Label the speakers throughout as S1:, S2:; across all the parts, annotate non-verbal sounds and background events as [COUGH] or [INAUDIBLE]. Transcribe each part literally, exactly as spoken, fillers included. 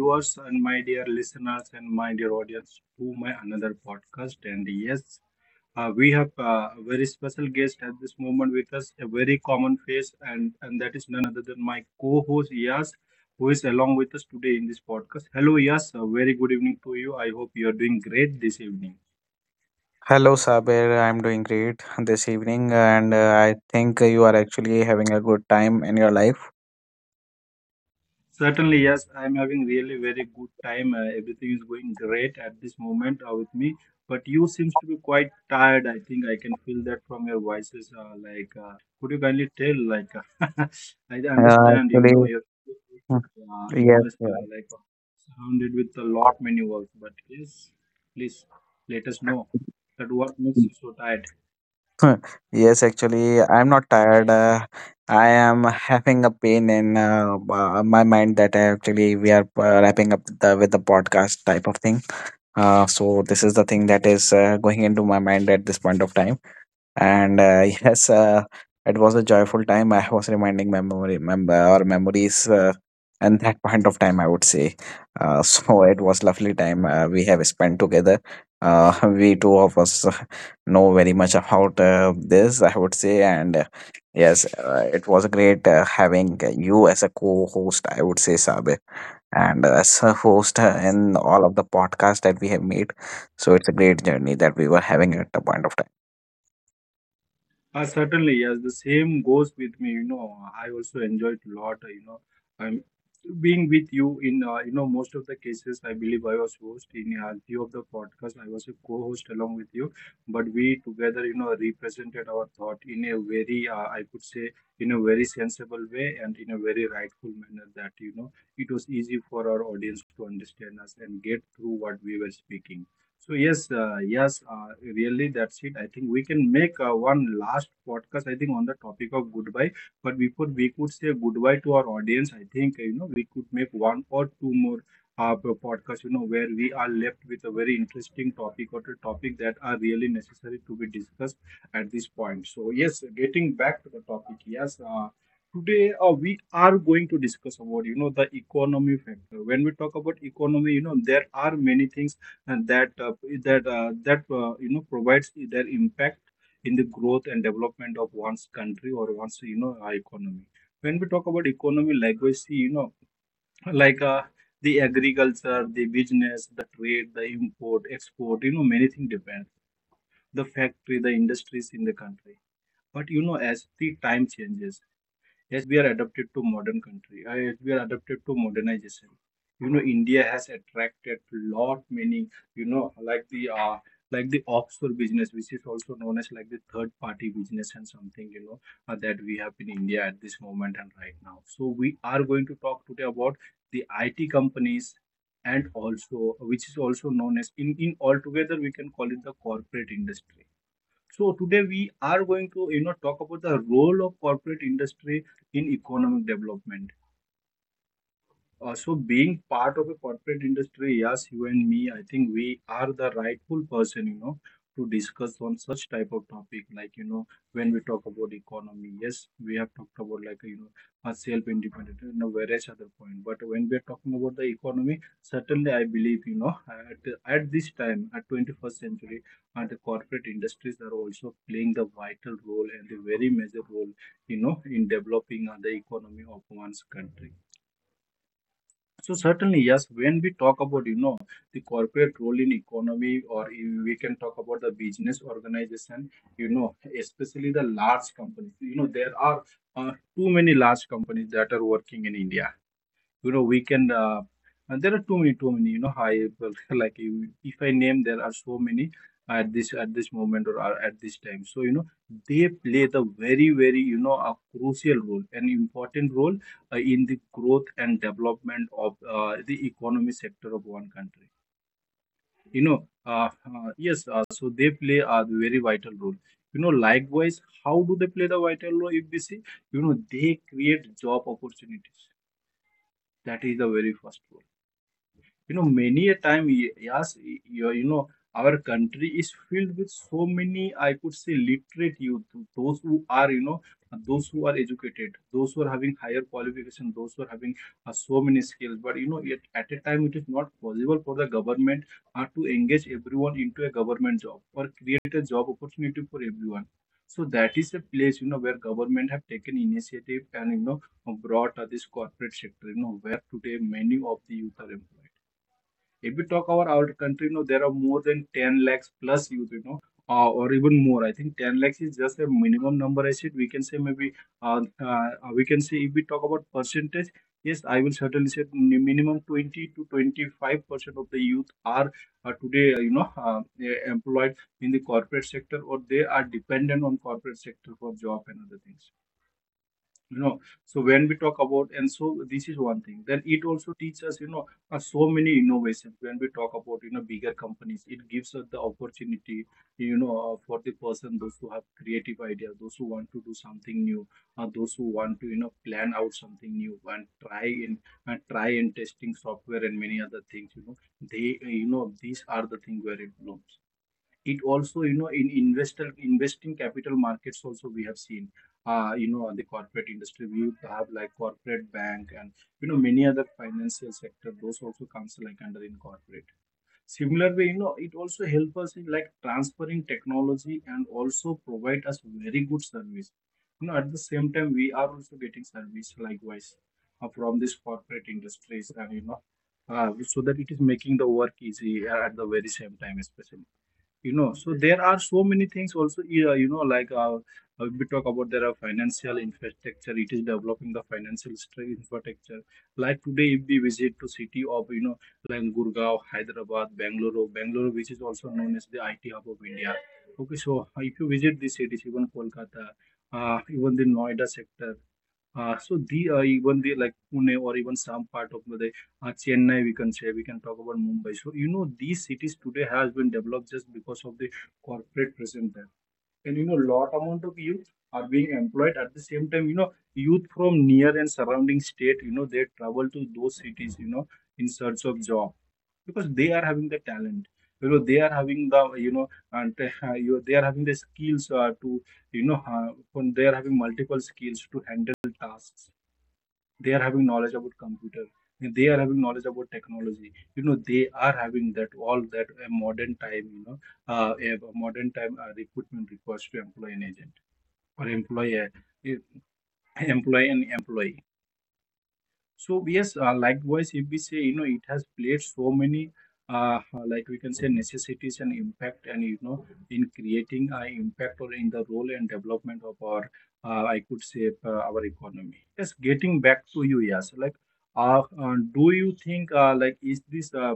S1: Viewers and my dear listeners and my dear audience to my another podcast. And yes, uh, we have uh, a very special guest at this moment with us, a very common face, and and that is none other than my co-host Yas, who is along with us today in this podcast. Hello, Yas. A very good evening to you. I hope you are doing great this evening.
S2: Hello, Saber. I'm doing great this evening, and uh, I think you are actually having a good time in your life.
S1: Certainly, yes. I'm having really very good time. Uh, everything is going great at this moment uh, with me. But you seems to be quite tired. I think I can feel that from your voices. Uh, like, uh, could you kindly tell? Like, [LAUGHS] I
S2: Uh,
S1: understand. You know,
S2: actually,
S1: you're uh, you
S2: yes,
S1: know, it's
S2: yes,
S1: uh, like uh, surrounded with a lot many works. But yes, please let us know that what makes you so tired.
S2: [LAUGHS] yes, actually, I'm not tired. Uh, I am having a pain in uh, uh, my mind that I actually we are uh, wrapping up the with the podcast type of thing. Uh, so this is the thing that is uh, going into my mind at this point of time. And uh, [LAUGHS] yes, uh, it was a joyful time. I was reminding memory mem- or memories, uh, and that point of time I would say, uh, [LAUGHS] so it was lovely time uh, we have spent together, uh, [LAUGHS] we two of us [LAUGHS] uh, know very much about uh, this, I would say. And uh, yes, uh, it was great uh, having you as a co-host, I would say, Sabe, and uh, as a host uh, in all of the podcasts that we have made. So it's a great journey that we were having at the point of time.
S1: Uh, certainly, yes. The same goes with me. You know, I also enjoyed a lot. You know, I'm being with you in uh, you know most of the cases. I believe I was host in a few of the podcasts. I was a co-host along with you, but we together, you know, represented our thought in a very, uh, I could say, in a very sensible way and in a very rightful manner. That you know, it was easy for our audience to understand us and get through what we were speaking. So yes, uh, yes, uh, really, that's it. I think we can make uh, one last podcast. I think on the topic of goodbye. But before we could say goodbye to our audience, I think you know we could make one or two more uh, p- podcasts. You know where we are left with a very interesting topic, or a topic that are really necessary to be discussed at this point. So yes, getting back to the topic, yes. Uh, Today, uh, we are going to discuss about, you know, the economy factor. When we talk about economy, you know, there are many things, and that uh, that uh, that uh, you know provides their impact in the growth and development of one's country or one's you know uh, economy. When we talk about economy, likewise, see, you know like uh, the agriculture, the business, trade, the import export, you know many things depend, the factory, the industries in the country. But you know as the time changes, S B R adapted to modern country. Uh, S B R adapted to modernization. You know, India has attracted lot many. You know, like the uh, like the offshore business, which is also known as like the third party business and something. You know uh, that we have in India at this moment and right now. So we are going to talk today about the I T companies, and also which is also known as, in in altogether, we can call it the corporate industry. So today we are going to you know talk about the role of corporate industry in economic development. Uh, so being part of a corporate industry, yes, you and me, I think we are the rightful person, you know, to discuss on such type of topic. Like, you know, when we talk about economy, yes, we have talked about like, you know, a self-independent, you know, various other point. But when we're talking about the economy, certainly I believe, you know, at, at this time, at twenty-first century, and the corporate industries are also playing the vital role and the very major role, you know, in developing uh, the economy of one's country. So certainly, yes, when we talk about, you know, the corporate role in economy, or if we can talk about the business organization, you know, especially the large companies, you know, there are uh, too many large companies that are working in India. You know we can uh, and there are too many too many you know high [LAUGHS] like you- if I name, there are so many at this at this moment, or are at this time. So you know they play the very very, you know a crucial role, an important role, uh, in the growth and development of uh, the economy sector of one country. you know uh, uh, yes, uh, so they play a very vital role, you know likewise, how do they play the vital role? If we see, you know they create job opportunities. That is the very first role. you know, many a time, y- yes, y- you you know, our country is filled with so many, I could say, literate youth, those who are, you know, those who are educated, those who are having higher qualification, those who are having uh, so many skills. But, you know, yet at a time, it is not possible for the government uh, to engage everyone into a government job or create a job opportunity for everyone. So that is a place, you know, where government have taken initiative and, you know, brought uh, this corporate sector, you know, where today many of the youth are employed. If we talk about our country, you know, there are more than ten lakhs plus youth, you know, uh, or even more. I think ten lakhs is just a minimum number. I said we can say maybe uh, uh, we can say if we talk about percentage, yes, I will certainly say mi- minimum twenty to twenty-five percent of the youth are uh, today, uh, you know, uh, eh, employed in the corporate sector, or they are dependent on corporate sector for job and other things. You know so when we talk about, and so this is one thing. Then it also teaches us, you know uh, so many innovations. When we talk about, you know bigger companies, it gives us the opportunity, you know uh, for the person, those who have creative ideas, those who want to do something new, uh, those who want to you know plan out something new, and try in and try and testing software and many other things, you know they, uh, you know these are the things where it blooms. It also, you know in investor investing capital markets, also, we have seen uh, you know the corporate industry. We have like corporate bank and you know many other financial sector, those also comes like under in corporate. Similar way, you know it also help us in like transferring technology and also provide us very good service. You know at the same time, we are also getting service likewise uh, from this corporate industries, and you know uh, so that it is making the work easy uh, at the very same time, especially, you know so there are so many things also. Yeah, you know like uh, uh, we talk about, there are financial infrastructure. It is developing the financial stru- infrastructure. Like today, if we visit to city of, you know like, Gurgaon, Hyderabad, bangalore bangalore, which is also known as the IT hub of India. Okay. So if you visit these cities, even Kolkata, uh, even the Noida sector, uh, so the uh, even the like Pune, or even some part of the uh, Chennai, we can say, we can talk about Mumbai. So you know these cities today has been developed just because of the corporate presence there. And you know lot amount of youth are being employed at the same time. You know youth from near and surrounding state. You know they travel to those cities, You know in search of job, because they are having the talent. You know they are having the, you know and uh, you, they are having the skills, uh, to you know uh, when they are having multiple skills to handle tasks, they are having knowledge about computer, they are having knowledge about technology, you know they are having that all that a modern time, you know uh, a modern time uh, recruitment requires to employ an agent, or employ a, employ an employee. So yes, uh, likewise, if we say, you know, it has played so many, uh, uh, like we can say, necessities and impact, and you know, in creating uh, impact, or in the role and development of our, uh, I could say, uh, our economy. Yes, getting back to you, yes, like, uh, uh, do you think, uh, like, is this uh,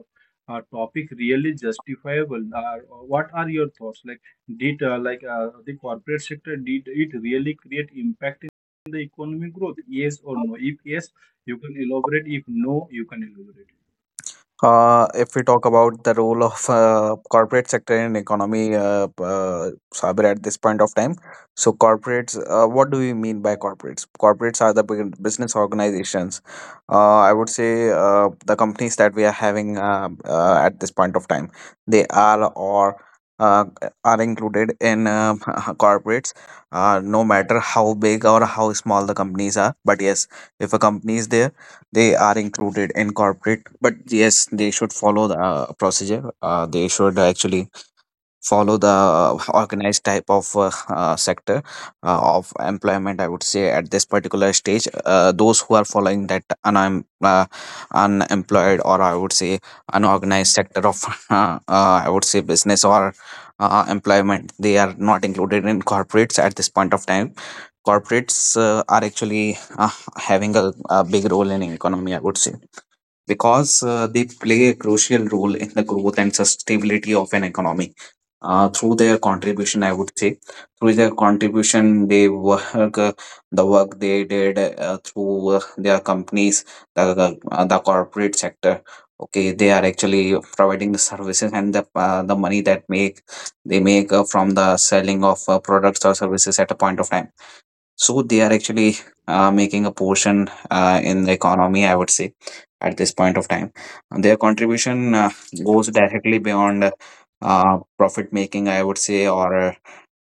S1: uh, topic really justifiable? Uh, what are your thoughts? Like, did uh, like uh, the corporate sector, did it really create impact in the economic growth? Yes or no? If yes, you can elaborate. If no, you can elaborate.
S2: Uh, if we talk about the role of uh, corporate sector in economy, uh, p- uh, Sabir, at this point of time, so corporates, uh, what do we mean by corporates? Corporates are the big business organizations. Uh, I would say uh, the companies that we are having uh, uh, at this point of time, they are or uh, are included in uh, [LAUGHS] corporates, uh, no matter how big or how small the companies are. But yes, if a company is there, they are included in corporate. But yes, they should follow the uh, procedure. Uh, they should actually follow the uh, organized type of uh, uh, sector uh, of employment, I would say, at this particular stage. Uh, those who are following that unem- uh, unemployed, or I would say, unorganized sector of [LAUGHS] uh, uh, I would say business or uh, employment, they are not included in corporates at this point of time. Corporates uh, are actually uh, having a, a big role in economy, I would say, because uh, they play a crucial role in the growth and sustainability of an economy. Uh, through their contribution, I would say, through their contribution, they work, uh, the work they did uh, through uh, their companies, the, the, uh, the corporate sector. Okay, they are actually providing the services and the uh, the money that make they make uh, from the selling of uh, products or services at a point of time. So they are actually uh, making a portion uh, in the economy, I would say, at this point of time. And their contribution uh, goes directly beyond uh, profit making, I would say, or uh,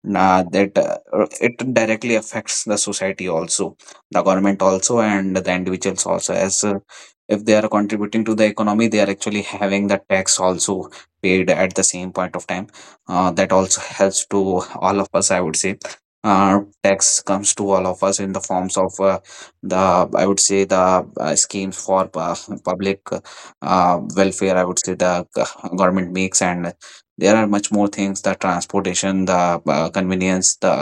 S2: nah, that uh, it directly affects the society also, the government also, and the individuals also. As uh, if they are contributing to the economy, they are actually having the tax also paid at the same point of time. Uh, that also helps to all of us, I would say. Uh, tax comes to all of us in the forms of uh, the, I would say, the uh, schemes for uh, public uh, welfare, I would say, the g- government makes. And there are much more things: the transportation, the uh, convenience, the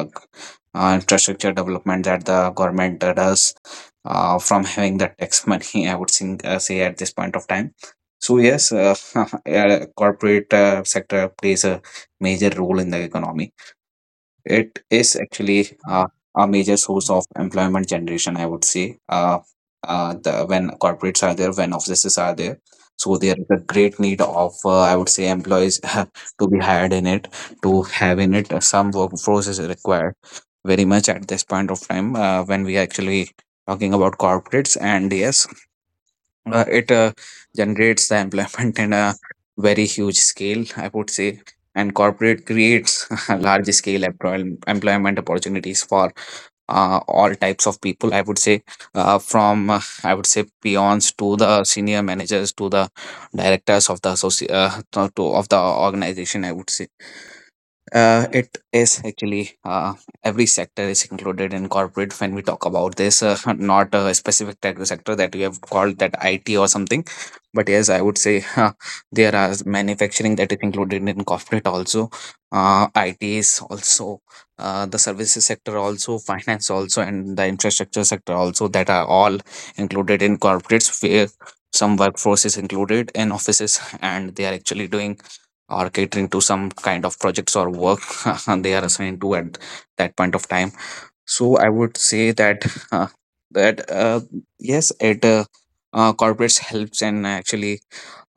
S2: uh, infrastructure development that the government uh, does uh, from having the tax money, [LAUGHS] I would think, uh, say, at this point of time. So yes, uh, [LAUGHS] uh, corporate uh, sector plays a major role in the economy. It is actually
S1: Uh,
S2: uh, a major source of employment generation, I would say. Uh, uh, the, when corporates are there, when offices are there, so there is a great need of, uh, I would say, employees [LAUGHS] to be hired in it, to have in it. Uh, Some workforce is required very much at this point of time uh, when we are actually talking about corporates. And yes, uh, it uh, generates the employment [LAUGHS] in a very huge scale, I would say. And corporate creates [LAUGHS] large scale employ- employment opportunities for uh, all types of people, I would say, uh, from uh, I would say peons to the senior managers to the directors of the associ- uh, to, to- of the organization, I would say. Uh, it is actually uh, every sector is included in corporate when we talk about this, uh, [LAUGHS] not a specific type of sector that we have called that I T or something. But yes, I would say, [LAUGHS] uh, there are manufacturing that is included in corporate also. Uh, I T is also, uh, the services sector also, finance also, and the infrastructure sector also, that are all included in corporates, where some workforce is included in offices and they are actually doing or catering to some kind of projects or work [LAUGHS] they are assigned to at that point of time. So I would say that [LAUGHS] uh, that uh, yes, it uh, uh, corporates helps and actually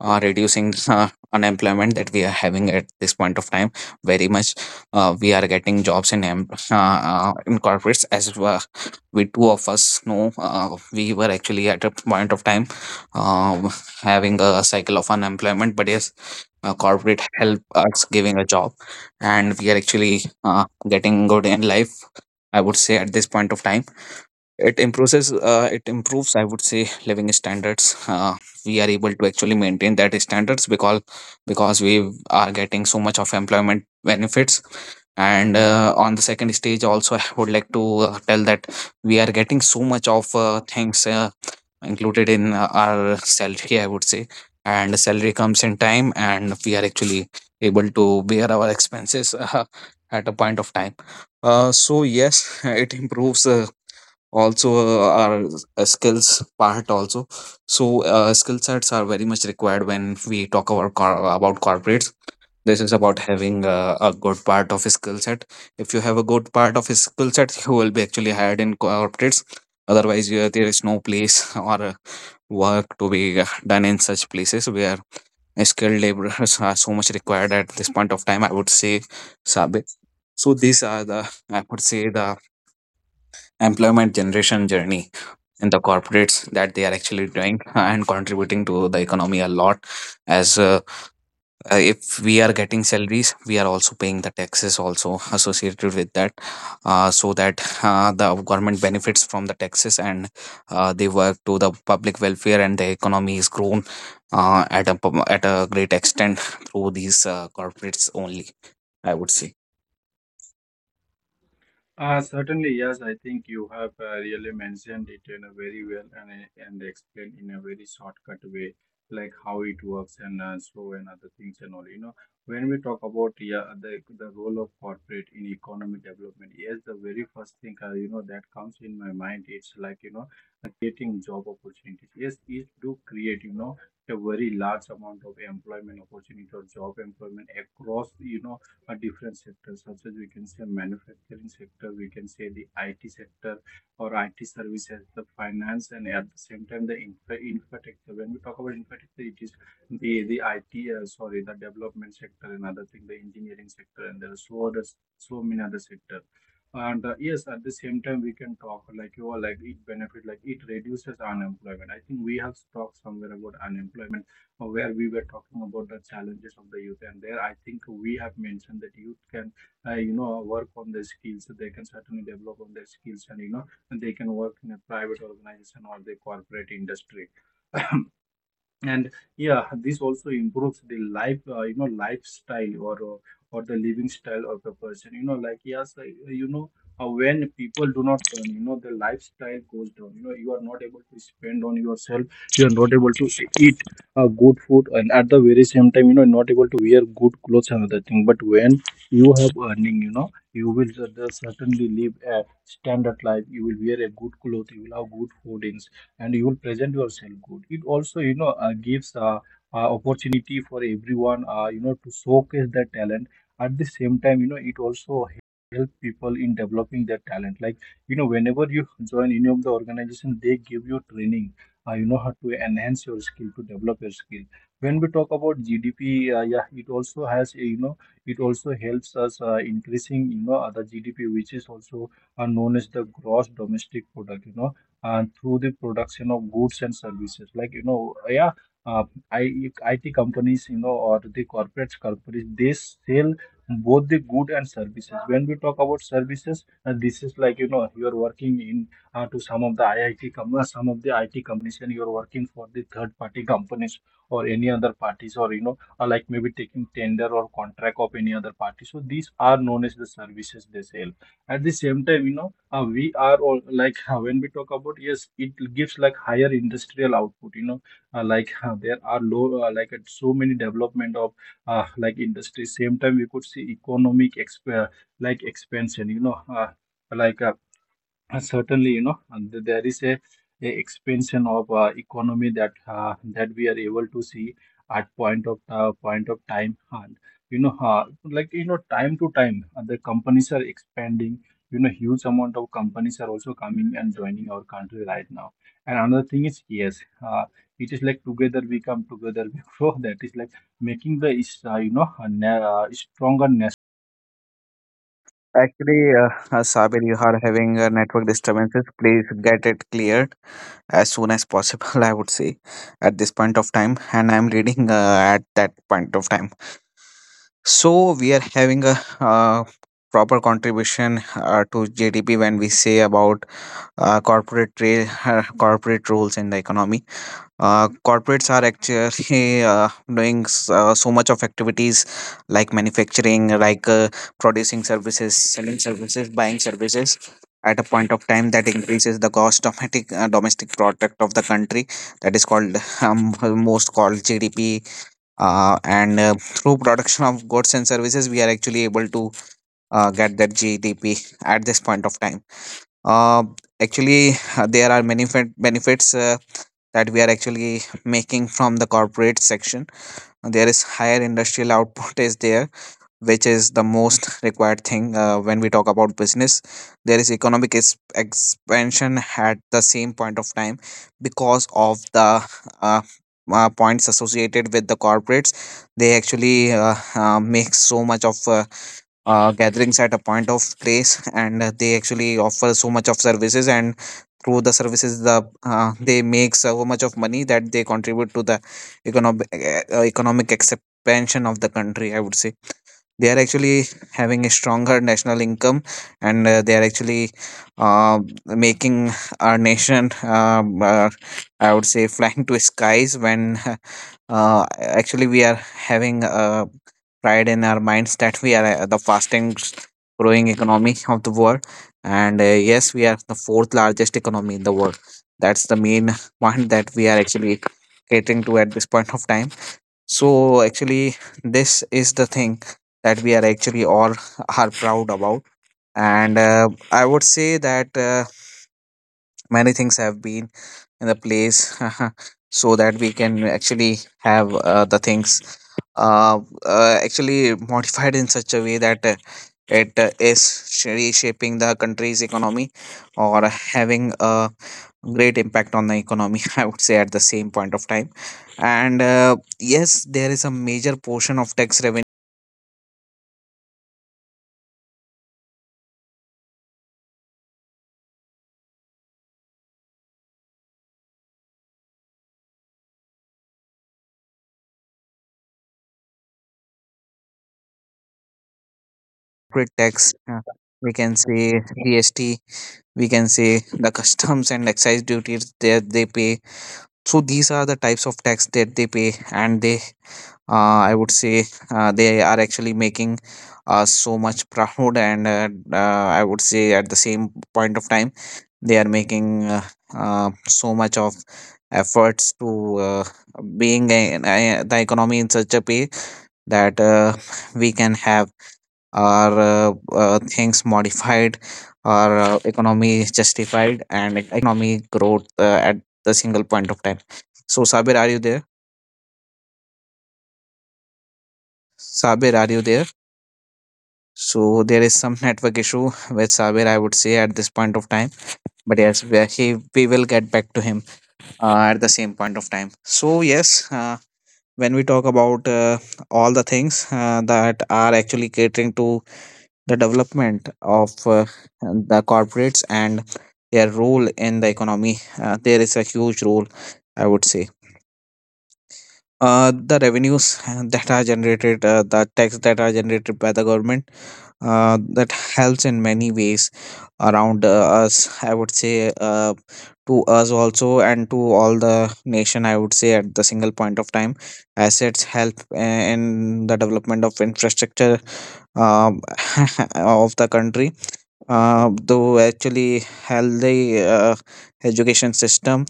S2: uh, reducing uh, unemployment that we are having at this point of time. Very much uh, we are getting jobs in em- uh, uh, in corporates as well. We two of us know uh, we were actually at a point of time uh, having a cycle of unemployment. But yes, uh, corporate help us giving a job and we are actually uh, getting good in life, I would say, at this point of time. It improves, uh, it improves, I would say, living standards. Uh, we are able to actually maintain that standards because because we are getting so much of employment benefits. And uh, on the second stage also, I would like to uh, tell that we are getting so much of uh, things uh, included in uh, our salary, I would say, and the salary comes in time and we are actually able to bear our expenses. [LAUGHS] uh, at a point of time uh, So yes, [LAUGHS] it improves uh, also uh, are a skills part also. So uh, skill sets are very much required when we talk about cor- about corporates. This is about having uh, a good part of a skill set. If you have a good part of a skill set, [LAUGHS] you will be actually hired in corporates. Otherwise, you, there is no place [LAUGHS] or uh, work to be uh, done in such places where skilled laborers are so much required at this point of time, I would say, Sabe. So these are the, I would say, the employment generation journey in the corporates that they are actually doing [LAUGHS] and contributing to the economy a lot. As uh, uh, if we are getting salaries, we are also paying the taxes also associated with that, uh, so that uh, the government benefits from the taxes and uh, they work to the public welfare and the economy is grown uh, at a pub- at a great extent through these uh, corporates only, I would say.
S1: uh, Certainly, yes. I think you have uh, really mentioned it in a very well, and, and explained in a very shortcut way, like how it works, and uh, so and other things and all. You know, when we talk about, yeah, the the role of corporate in economic development, yes, the very first thing uh, you know that comes in my mind. It's like, you know, uh, creating job opportunities. Yes, it do create, you know, a very large amount of employment opportunity or job employment across, you know uh, different sectors, such as we can say manufacturing sector, we can say the I T sector or I T services, the finance, and at the same time the infra- infrastructure. When we talk about infrastructure, it is the the I T uh, sorry the development sector, another thing the engineering sector, and there are so others, so many other sectors. And uh, yes, at the same time, we can talk like you are like it benefit, like it reduces unemployment. I think we have talked somewhere about unemployment, uh, where we were talking about the challenges of the youth, and there I think we have mentioned that youth can, uh, you know, work on their skills, they can certainly develop on their skills, and you know, and they can work in a private organization or the corporate industry. And yeah, this also improves the life, uh, you know, lifestyle, or, or or the living style of the person. You know, like yes, like, uh, you know, uh, when people do not earn, you know, the lifestyle goes down, you know, you are not able to spend on yourself, you are not able to eat uh, good food, and at the very same time, you know, not able to wear good clothes and other thing. But when you have earning, you know, you will cer- certainly live a standard life, you will wear a good clothes, you will have good foodings, and you will present yourself good. It also, you know, uh, gives uh, uh, opportunity for everyone, uh, you know, to showcase their talent. At the same time, you know, it also help people in developing their talent, like, you know, whenever you join any of the organization, they give you training, uh, you know, how to enhance your skill, to develop your skill. When we talk about G D P, uh, yeah, it also has a, you know, it also helps us uh, increasing, you know, uh, the GDP, which is also are known as the gross domestic product, you know, uh, through the production of goods and services. Like, you know, yeah, uh, I, IT companies, you know, or the corporate companies, they sell both the good and services. When we talk about services, uh, this is like, you know, you're working in uh, to some of the I I T, com- uh, some of the I T companies, and you're working for the third party companies or any other parties, or, you know, or like maybe taking tender or contract of any other party. So these are known as the services they sell. At the same time, you know, uh, we are all like uh, when we talk about, yes, it gives like higher industrial output, you know, uh, like uh, there are low uh, like at so many development of uh, like industry. Same time we could see economic exp- uh, like expansion, you know, uh, like uh, uh, certainly, you know, and th- there is a, a expansion of uh, economy that uh, that we are able to see at point of uh, point of time, and you know, uh, like you know, time to time, uh, the companies are expanding. You know, huge amount of companies are also coming and joining our country right now. And another thing is, yes, uh, it is like together we come, together [LAUGHS] we grow. That is like making the is uh, you know a na- uh, stronger nation.
S2: Actually, uh, uh, Sabir, you are having uh, network disturbances. Please get it cleared as soon as possible, [LAUGHS] I would say, at this point of time. And I'm reading uh, at that point of time. So we are having a uh, proper contribution uh, to G D P when we say about uh, corporate, tra- [LAUGHS] corporate roles in the economy. Uh, corporates are actually [LAUGHS] uh, doing s- uh, so much of activities like manufacturing, like uh, producing services, selling services, buying services at a point of time that increases the cost domestic uh, domestic product of the country that is called [LAUGHS] um, most called G D P, uh, and uh, through production of goods and services we are actually able to uh, get that G D P at this point of time. Uh, Actually [LAUGHS] there are many fe- benefits uh, that we are actually making from the corporate section. There is higher industrial output is there, which is the most required thing uh, when we talk about business. There is economic is expansion at the same point of time because of the uh, uh, points associated with the corporates. They actually uh, uh, make so much of uh, uh, gatherings at a point of grace. And uh, they actually offer so much of services, and through the services the uh, they make so much of money that they contribute to the economic uh, economic expansion of the country, I would say. They are actually having a stronger national income, and uh, they are actually uh, making our nation um, uh, I would say flying to skies. When [LAUGHS] uh, actually we are having uh, pride in our minds that we are uh, the fastest growing economy of the world, and uh, yes, we are the fourth largest economy in the world. That's the main [LAUGHS] point that we are actually getting to at this point of time. So actually, this is the thing that we are actually all are proud about. And uh, I would say that uh, many things have been in the place [LAUGHS] so that we can actually have uh, the things uh, uh, actually modified in such a way that uh, it uh, is sh- reshaping the country's economy, or having a great impact on the economy. [LAUGHS] I would say at the same point of time. And uh, yes, there is a major portion of tax revenue, corporate tax, uh, we can say GST, we can say the customs and excise duties that they pay. So these are the types of tax that they pay, and they uh, i would say uh, they are actually making us so much [LAUGHS] proud. And uh, uh, i would say at the same point of time they are making uh, uh, so much of efforts to uh, being a, a, the economy in such a way that uh, we can have are uh, uh, things modified or uh, economy justified and e- economy growth uh, at the single point of time. So, Sabir, are you there? Sabir, are you there? So there is some network issue with Sabir, I would say at this point of time. But yes, we, are- he, we will get back to him uh, at the same point of time. So yes, uh, when we talk about uh, all the things uh, that are actually catering to the development of uh, the corporates and their role in the economy, Uh, there is a huge role, I would say. Uh, the revenues uh, that are generated, uh, the tax that are generated by the government, uh, that helps in many ways around uh, us, I would say, uh, to us also, and to all the nation. I would say at the single point of time, assets help uh, in the development of infrastructure, um, [LAUGHS] of the country, uh, to actually healthy uh, education system,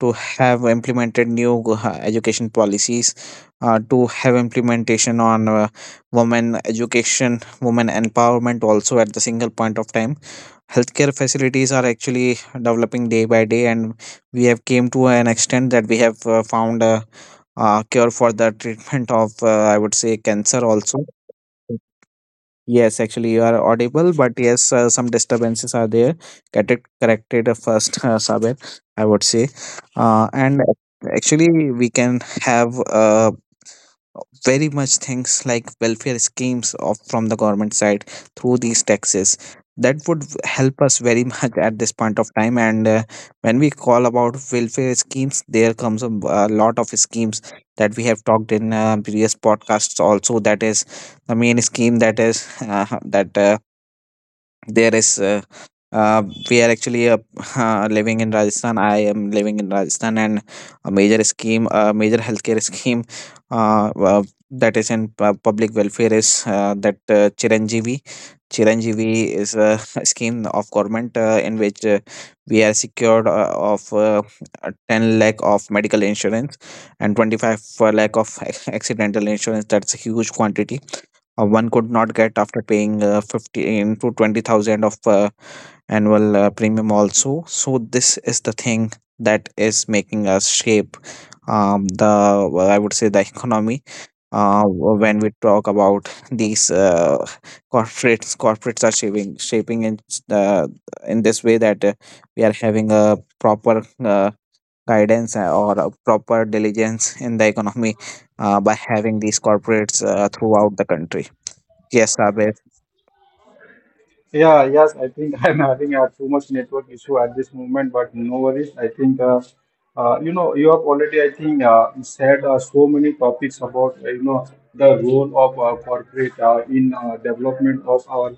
S2: to have implemented new uh, education policies, uh, to have implementation on uh, women education, women empowerment also. At the single point of time, healthcare facilities are actually developing day by day, and we have came to an extent that we have uh, found a, uh cure for the treatment of, uh, I would say, cancer also. Yes, actually, you are audible, but yes, uh, some disturbances are there. Get it corrected uh, first, [LAUGHS] uh, Sabir, I would say. Uh, and actually, we can have a very much things like welfare schemes of from the government side through these taxes that would v- help us very [LAUGHS] much at this point of time. And uh, when we call about welfare schemes, there comes a, b- a lot of schemes that we have talked in uh, previous podcasts also. That is the main scheme that is, [LAUGHS] uh, that, uh, there is uh, uh, we are actually, uh, [LAUGHS] uh, living in Rajasthan. I am living in Rajasthan, and a major scheme, a major healthcare [LAUGHS] scheme uh, uh, that is in pu- public welfare is, uh, that, uh, Chiranjeevi. Chiranjeevi is a [LAUGHS] scheme of government uh, in which uh, we are secured uh, of uh, uh, ten lakh of medical insurance and twenty-five uh, lakh of [LAUGHS] ac- accidental insurance. That's a huge quantity. Uh, one could not get after paying uh, fifteen to twenty thousand of. Uh, annual uh, premium also. So this is the thing that is making us shape, um, the well, I would say, the economy. uh, when we talk about these uh, corporates, corporates are shaping shaping in the in this way, that uh, we are having a proper uh, guidance uh, or a proper diligence in the economy uh, by having these corporates uh, throughout the country. Yes, Abhay.
S1: Yeah, yes, I think [LAUGHS] I'm having uh, too much network issue at this moment, but no worries. I think, uh, uh, you know, you have already, I think, uh, said uh, so many topics about, uh, you know, the role of uh, corporate uh, in uh, development of our,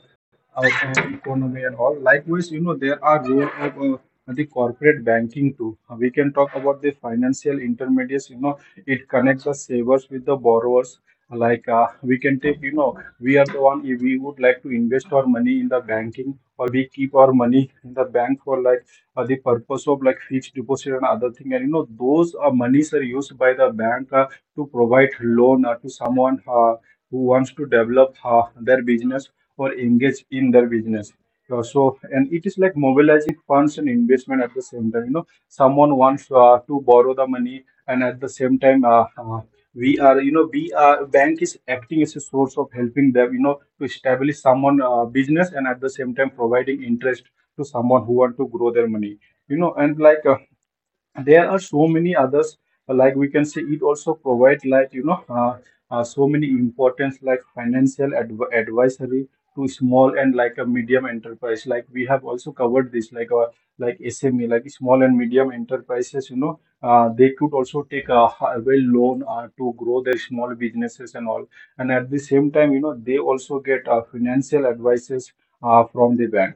S1: our uh, economy and all. Likewise, you know, there are role of uh, the corporate banking too. We can talk about the financial intermediaries, you know, it connects the savers with the borrowers. Like uh, we can take, you know, we are the one, if we would like to invest our money in the banking, or we keep our money in the bank for like uh, the purpose of like fixed deposit and other thing, and you know, those uh, monies are used by the bank uh, to provide loan uh, to someone uh, who wants to develop uh, their business or engage in their business. Uh, so and it is like mobilizing funds and investment. At the same time, you know, someone wants uh, to borrow the money, and at the same time, uh, uh, we are, you know, we are bank is acting as a source of helping them, you know, to establish someone uh, business, and at the same time providing interest to someone who want to grow their money, you know. And like, uh, there are so many others, like we can say, it also provide, like, you know, uh, uh, so many importance, like financial adv- advisory to small and like a medium enterprise. Like we have also covered this, like, uh, like S M E, like small and medium enterprises, you know, uh, they could also take a hi- well loan uh, to grow their small businesses and all, and at the same time, you know, they also get uh, financial advices uh, from the bank.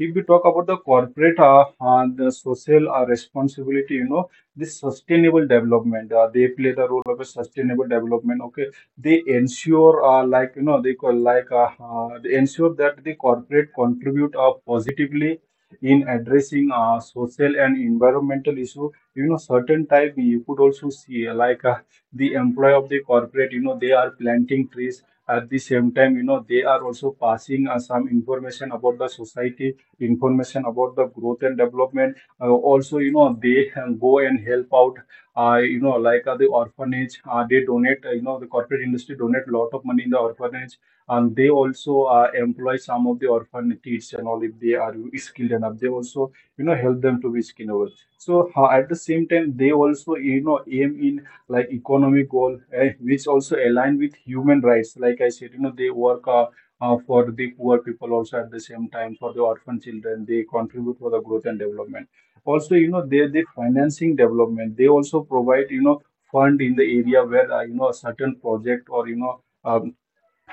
S1: If we talk about the corporate, uh, uh, the social uh, responsibility, you know, this sustainable development, uh, they play the role of a sustainable development. Okay, they ensure uh, like, you know, they call like, uh, uh, they ensure that the corporate contribute uh, positively in addressing uh, social and environmental issue, you know. Certain type you could also see uh, like uh, the employee of the corporate, you know, they are planting trees. At the same time, you know, they are also passing uh, some information about the society, information about the growth and development. Uh, also, you know, they um, go and help out. Uh, you know, like uh, the orphanage, uh, they donate. Uh, you know, the corporate industry donate a lot of money in the orphanage, and they also uh, employ some of the orphan kids and all, if they are skilled enough. They also, you know, help them to be scalable. So uh, at the same time, they also, you know, aim in like economic goal, eh, which also align with human rights. Like I said, you know, they work Uh, uh, for the poor people also, at the same time for the orphan children. They contribute for the growth and development. Also, you know, they they financing development. They also provide, you know, fund in the area where uh, you know a certain project or you know, um,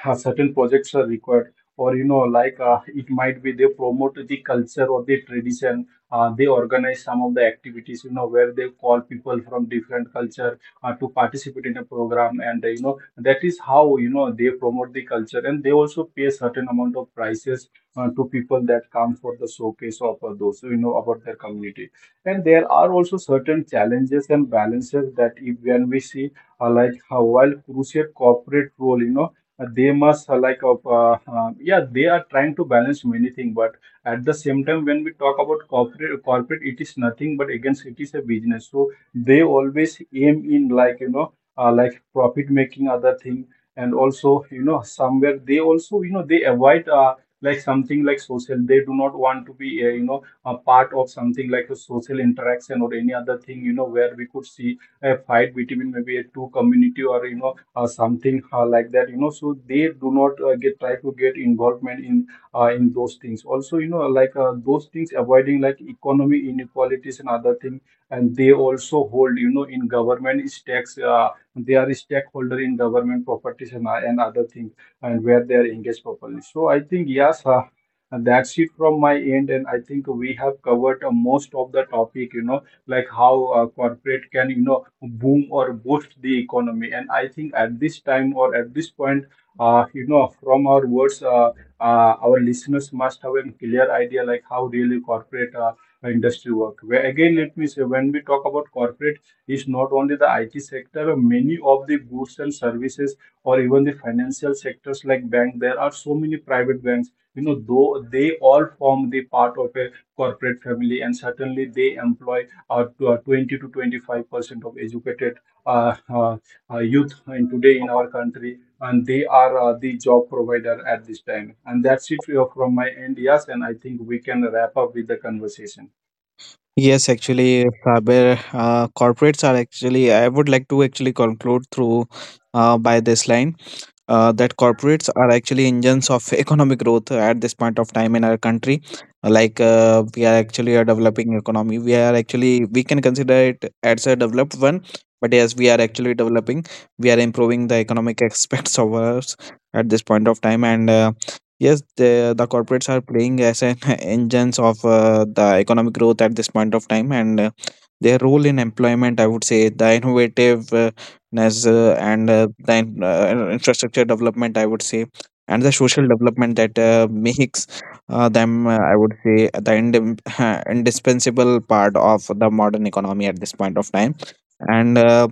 S1: uh, certain projects are required, or you know, like, uh, it might be they promote the culture or the tradition. Uh, they organize some of the activities, you know, where they call people from different culture uh, to participate in a program. And uh, you know, that is how, you know, they promote the culture, and they also pay certain amount of prices uh, to people that come for the showcase of uh, those, you know, about their community. And there are also certain challenges and balances that if when we see uh, like how while crucial corporate role, you know, uh, they must uh, like uh, uh, yeah, they are trying to balance many things. But at the same time, when we talk about corporate corporate, it is nothing but against, it is a business, so they always aim in like, you know, uh, like profit making other thing. And also, you know, somewhere they also, you know, they avoid uh, like something like social, they do not want to be uh, you know, a part of something like a social interaction or any other thing, you know, where we could see a fight between maybe a two community, or you know, or something uh, like that, you know. So they do not uh, get try to get involvement in uh, in those things. Also, you know, like uh, those things avoiding like economy inequalities and other thing. And they also hold, you know, in government stakes, uh, they are a stakeholder in government properties and, uh, and other things, and where they are engaged properly. So I think, yes, uh, and that's it from my end. And I think we have covered uh, most of the topic, you know, like how uh, corporate can, you know, boom or boost the economy. And I think at this time or at this point, uh, you know, from our words, uh, uh, our listeners must have a clear idea like how really corporate uh, industry work. Where again, let me say, when we talk about corporate, it's not only the I T sector, many of the goods and services or even the financial sectors like bank, there are so many private banks, you know, though they all form the part of a corporate family. And certainly they employ uh, uh, twenty to twenty-five percent of educated uh, uh, uh, youth in today in our country, and they are uh, the job provider at this time. And that's it uh, from my end, yes. And I think we can wrap up with the conversation.
S2: Yes, actually, Faber, uh, corporates are actually, I would like to actually conclude through, uh, by this line, uh, that corporates are actually engines of [LAUGHS] economic growth at this point of time in our country. Like, uh, we are actually a developing economy. We are actually, we can consider it as a developed one, but yes, we are actually developing. We are improving the economic [LAUGHS] aspects of ours at this point of time. And uh, yes, the, the corporates are playing as an [LAUGHS] engines of uh, the economic growth at this point of time. And uh, their role in employment, I would say, the innovative uh, ness uh, and uh, the in- uh, infrastructure development, I would say, and the social development, that uh, makes uh, them, uh, I would say, the ind- [LAUGHS] indispensable part of the modern economy at this point of time. And uh,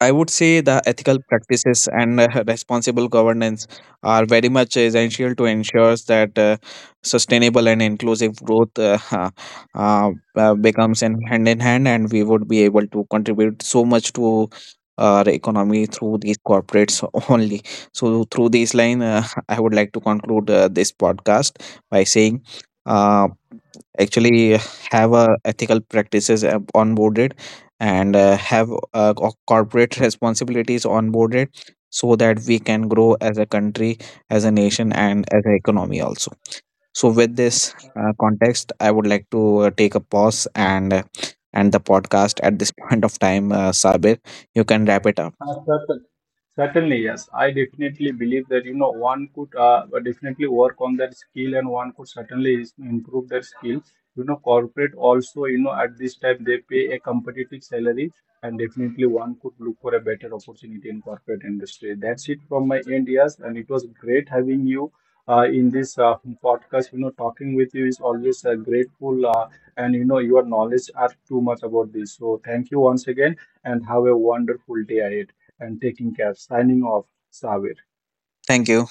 S2: I would say the ethical practices and uh, [LAUGHS] responsible governance are very much essential to ensure that uh, sustainable and inclusive growth uh, [LAUGHS] uh, uh, becomes in hand in hand, and we would be able to contribute so much to our economy through these corporates [LAUGHS] only. So, through this line, uh, [LAUGHS] I would like to conclude uh, this podcast by saying, Uh, actually have a ethical practices ab- onboarded, and uh, have uh, co- corporate responsibilities onboarded, so that we can grow as a country, as a nation, and as an economy also. So with this uh, context, I would like to uh, take a pause and uh, end the podcast at this [LAUGHS] point of time. uh, Sabir, you can wrap it up.
S1: Uh, certain, Certainly, yes. I definitely believe that, you know, one could uh, definitely work on their skill, and one could certainly is- improve their skill. You know, corporate also, you know, at this time they pay a competitive salary, and definitely one could look for a better opportunity in corporate industry. That's it from my end, yes. And it was great having you uh, in this uh, podcast. You know, talking with you is always uh, grateful, uh, and you know, your knowledge are too much about this. So thank you once again, and have a wonderful day ahead. And taking care. Signing off, Savir.
S2: Thank you.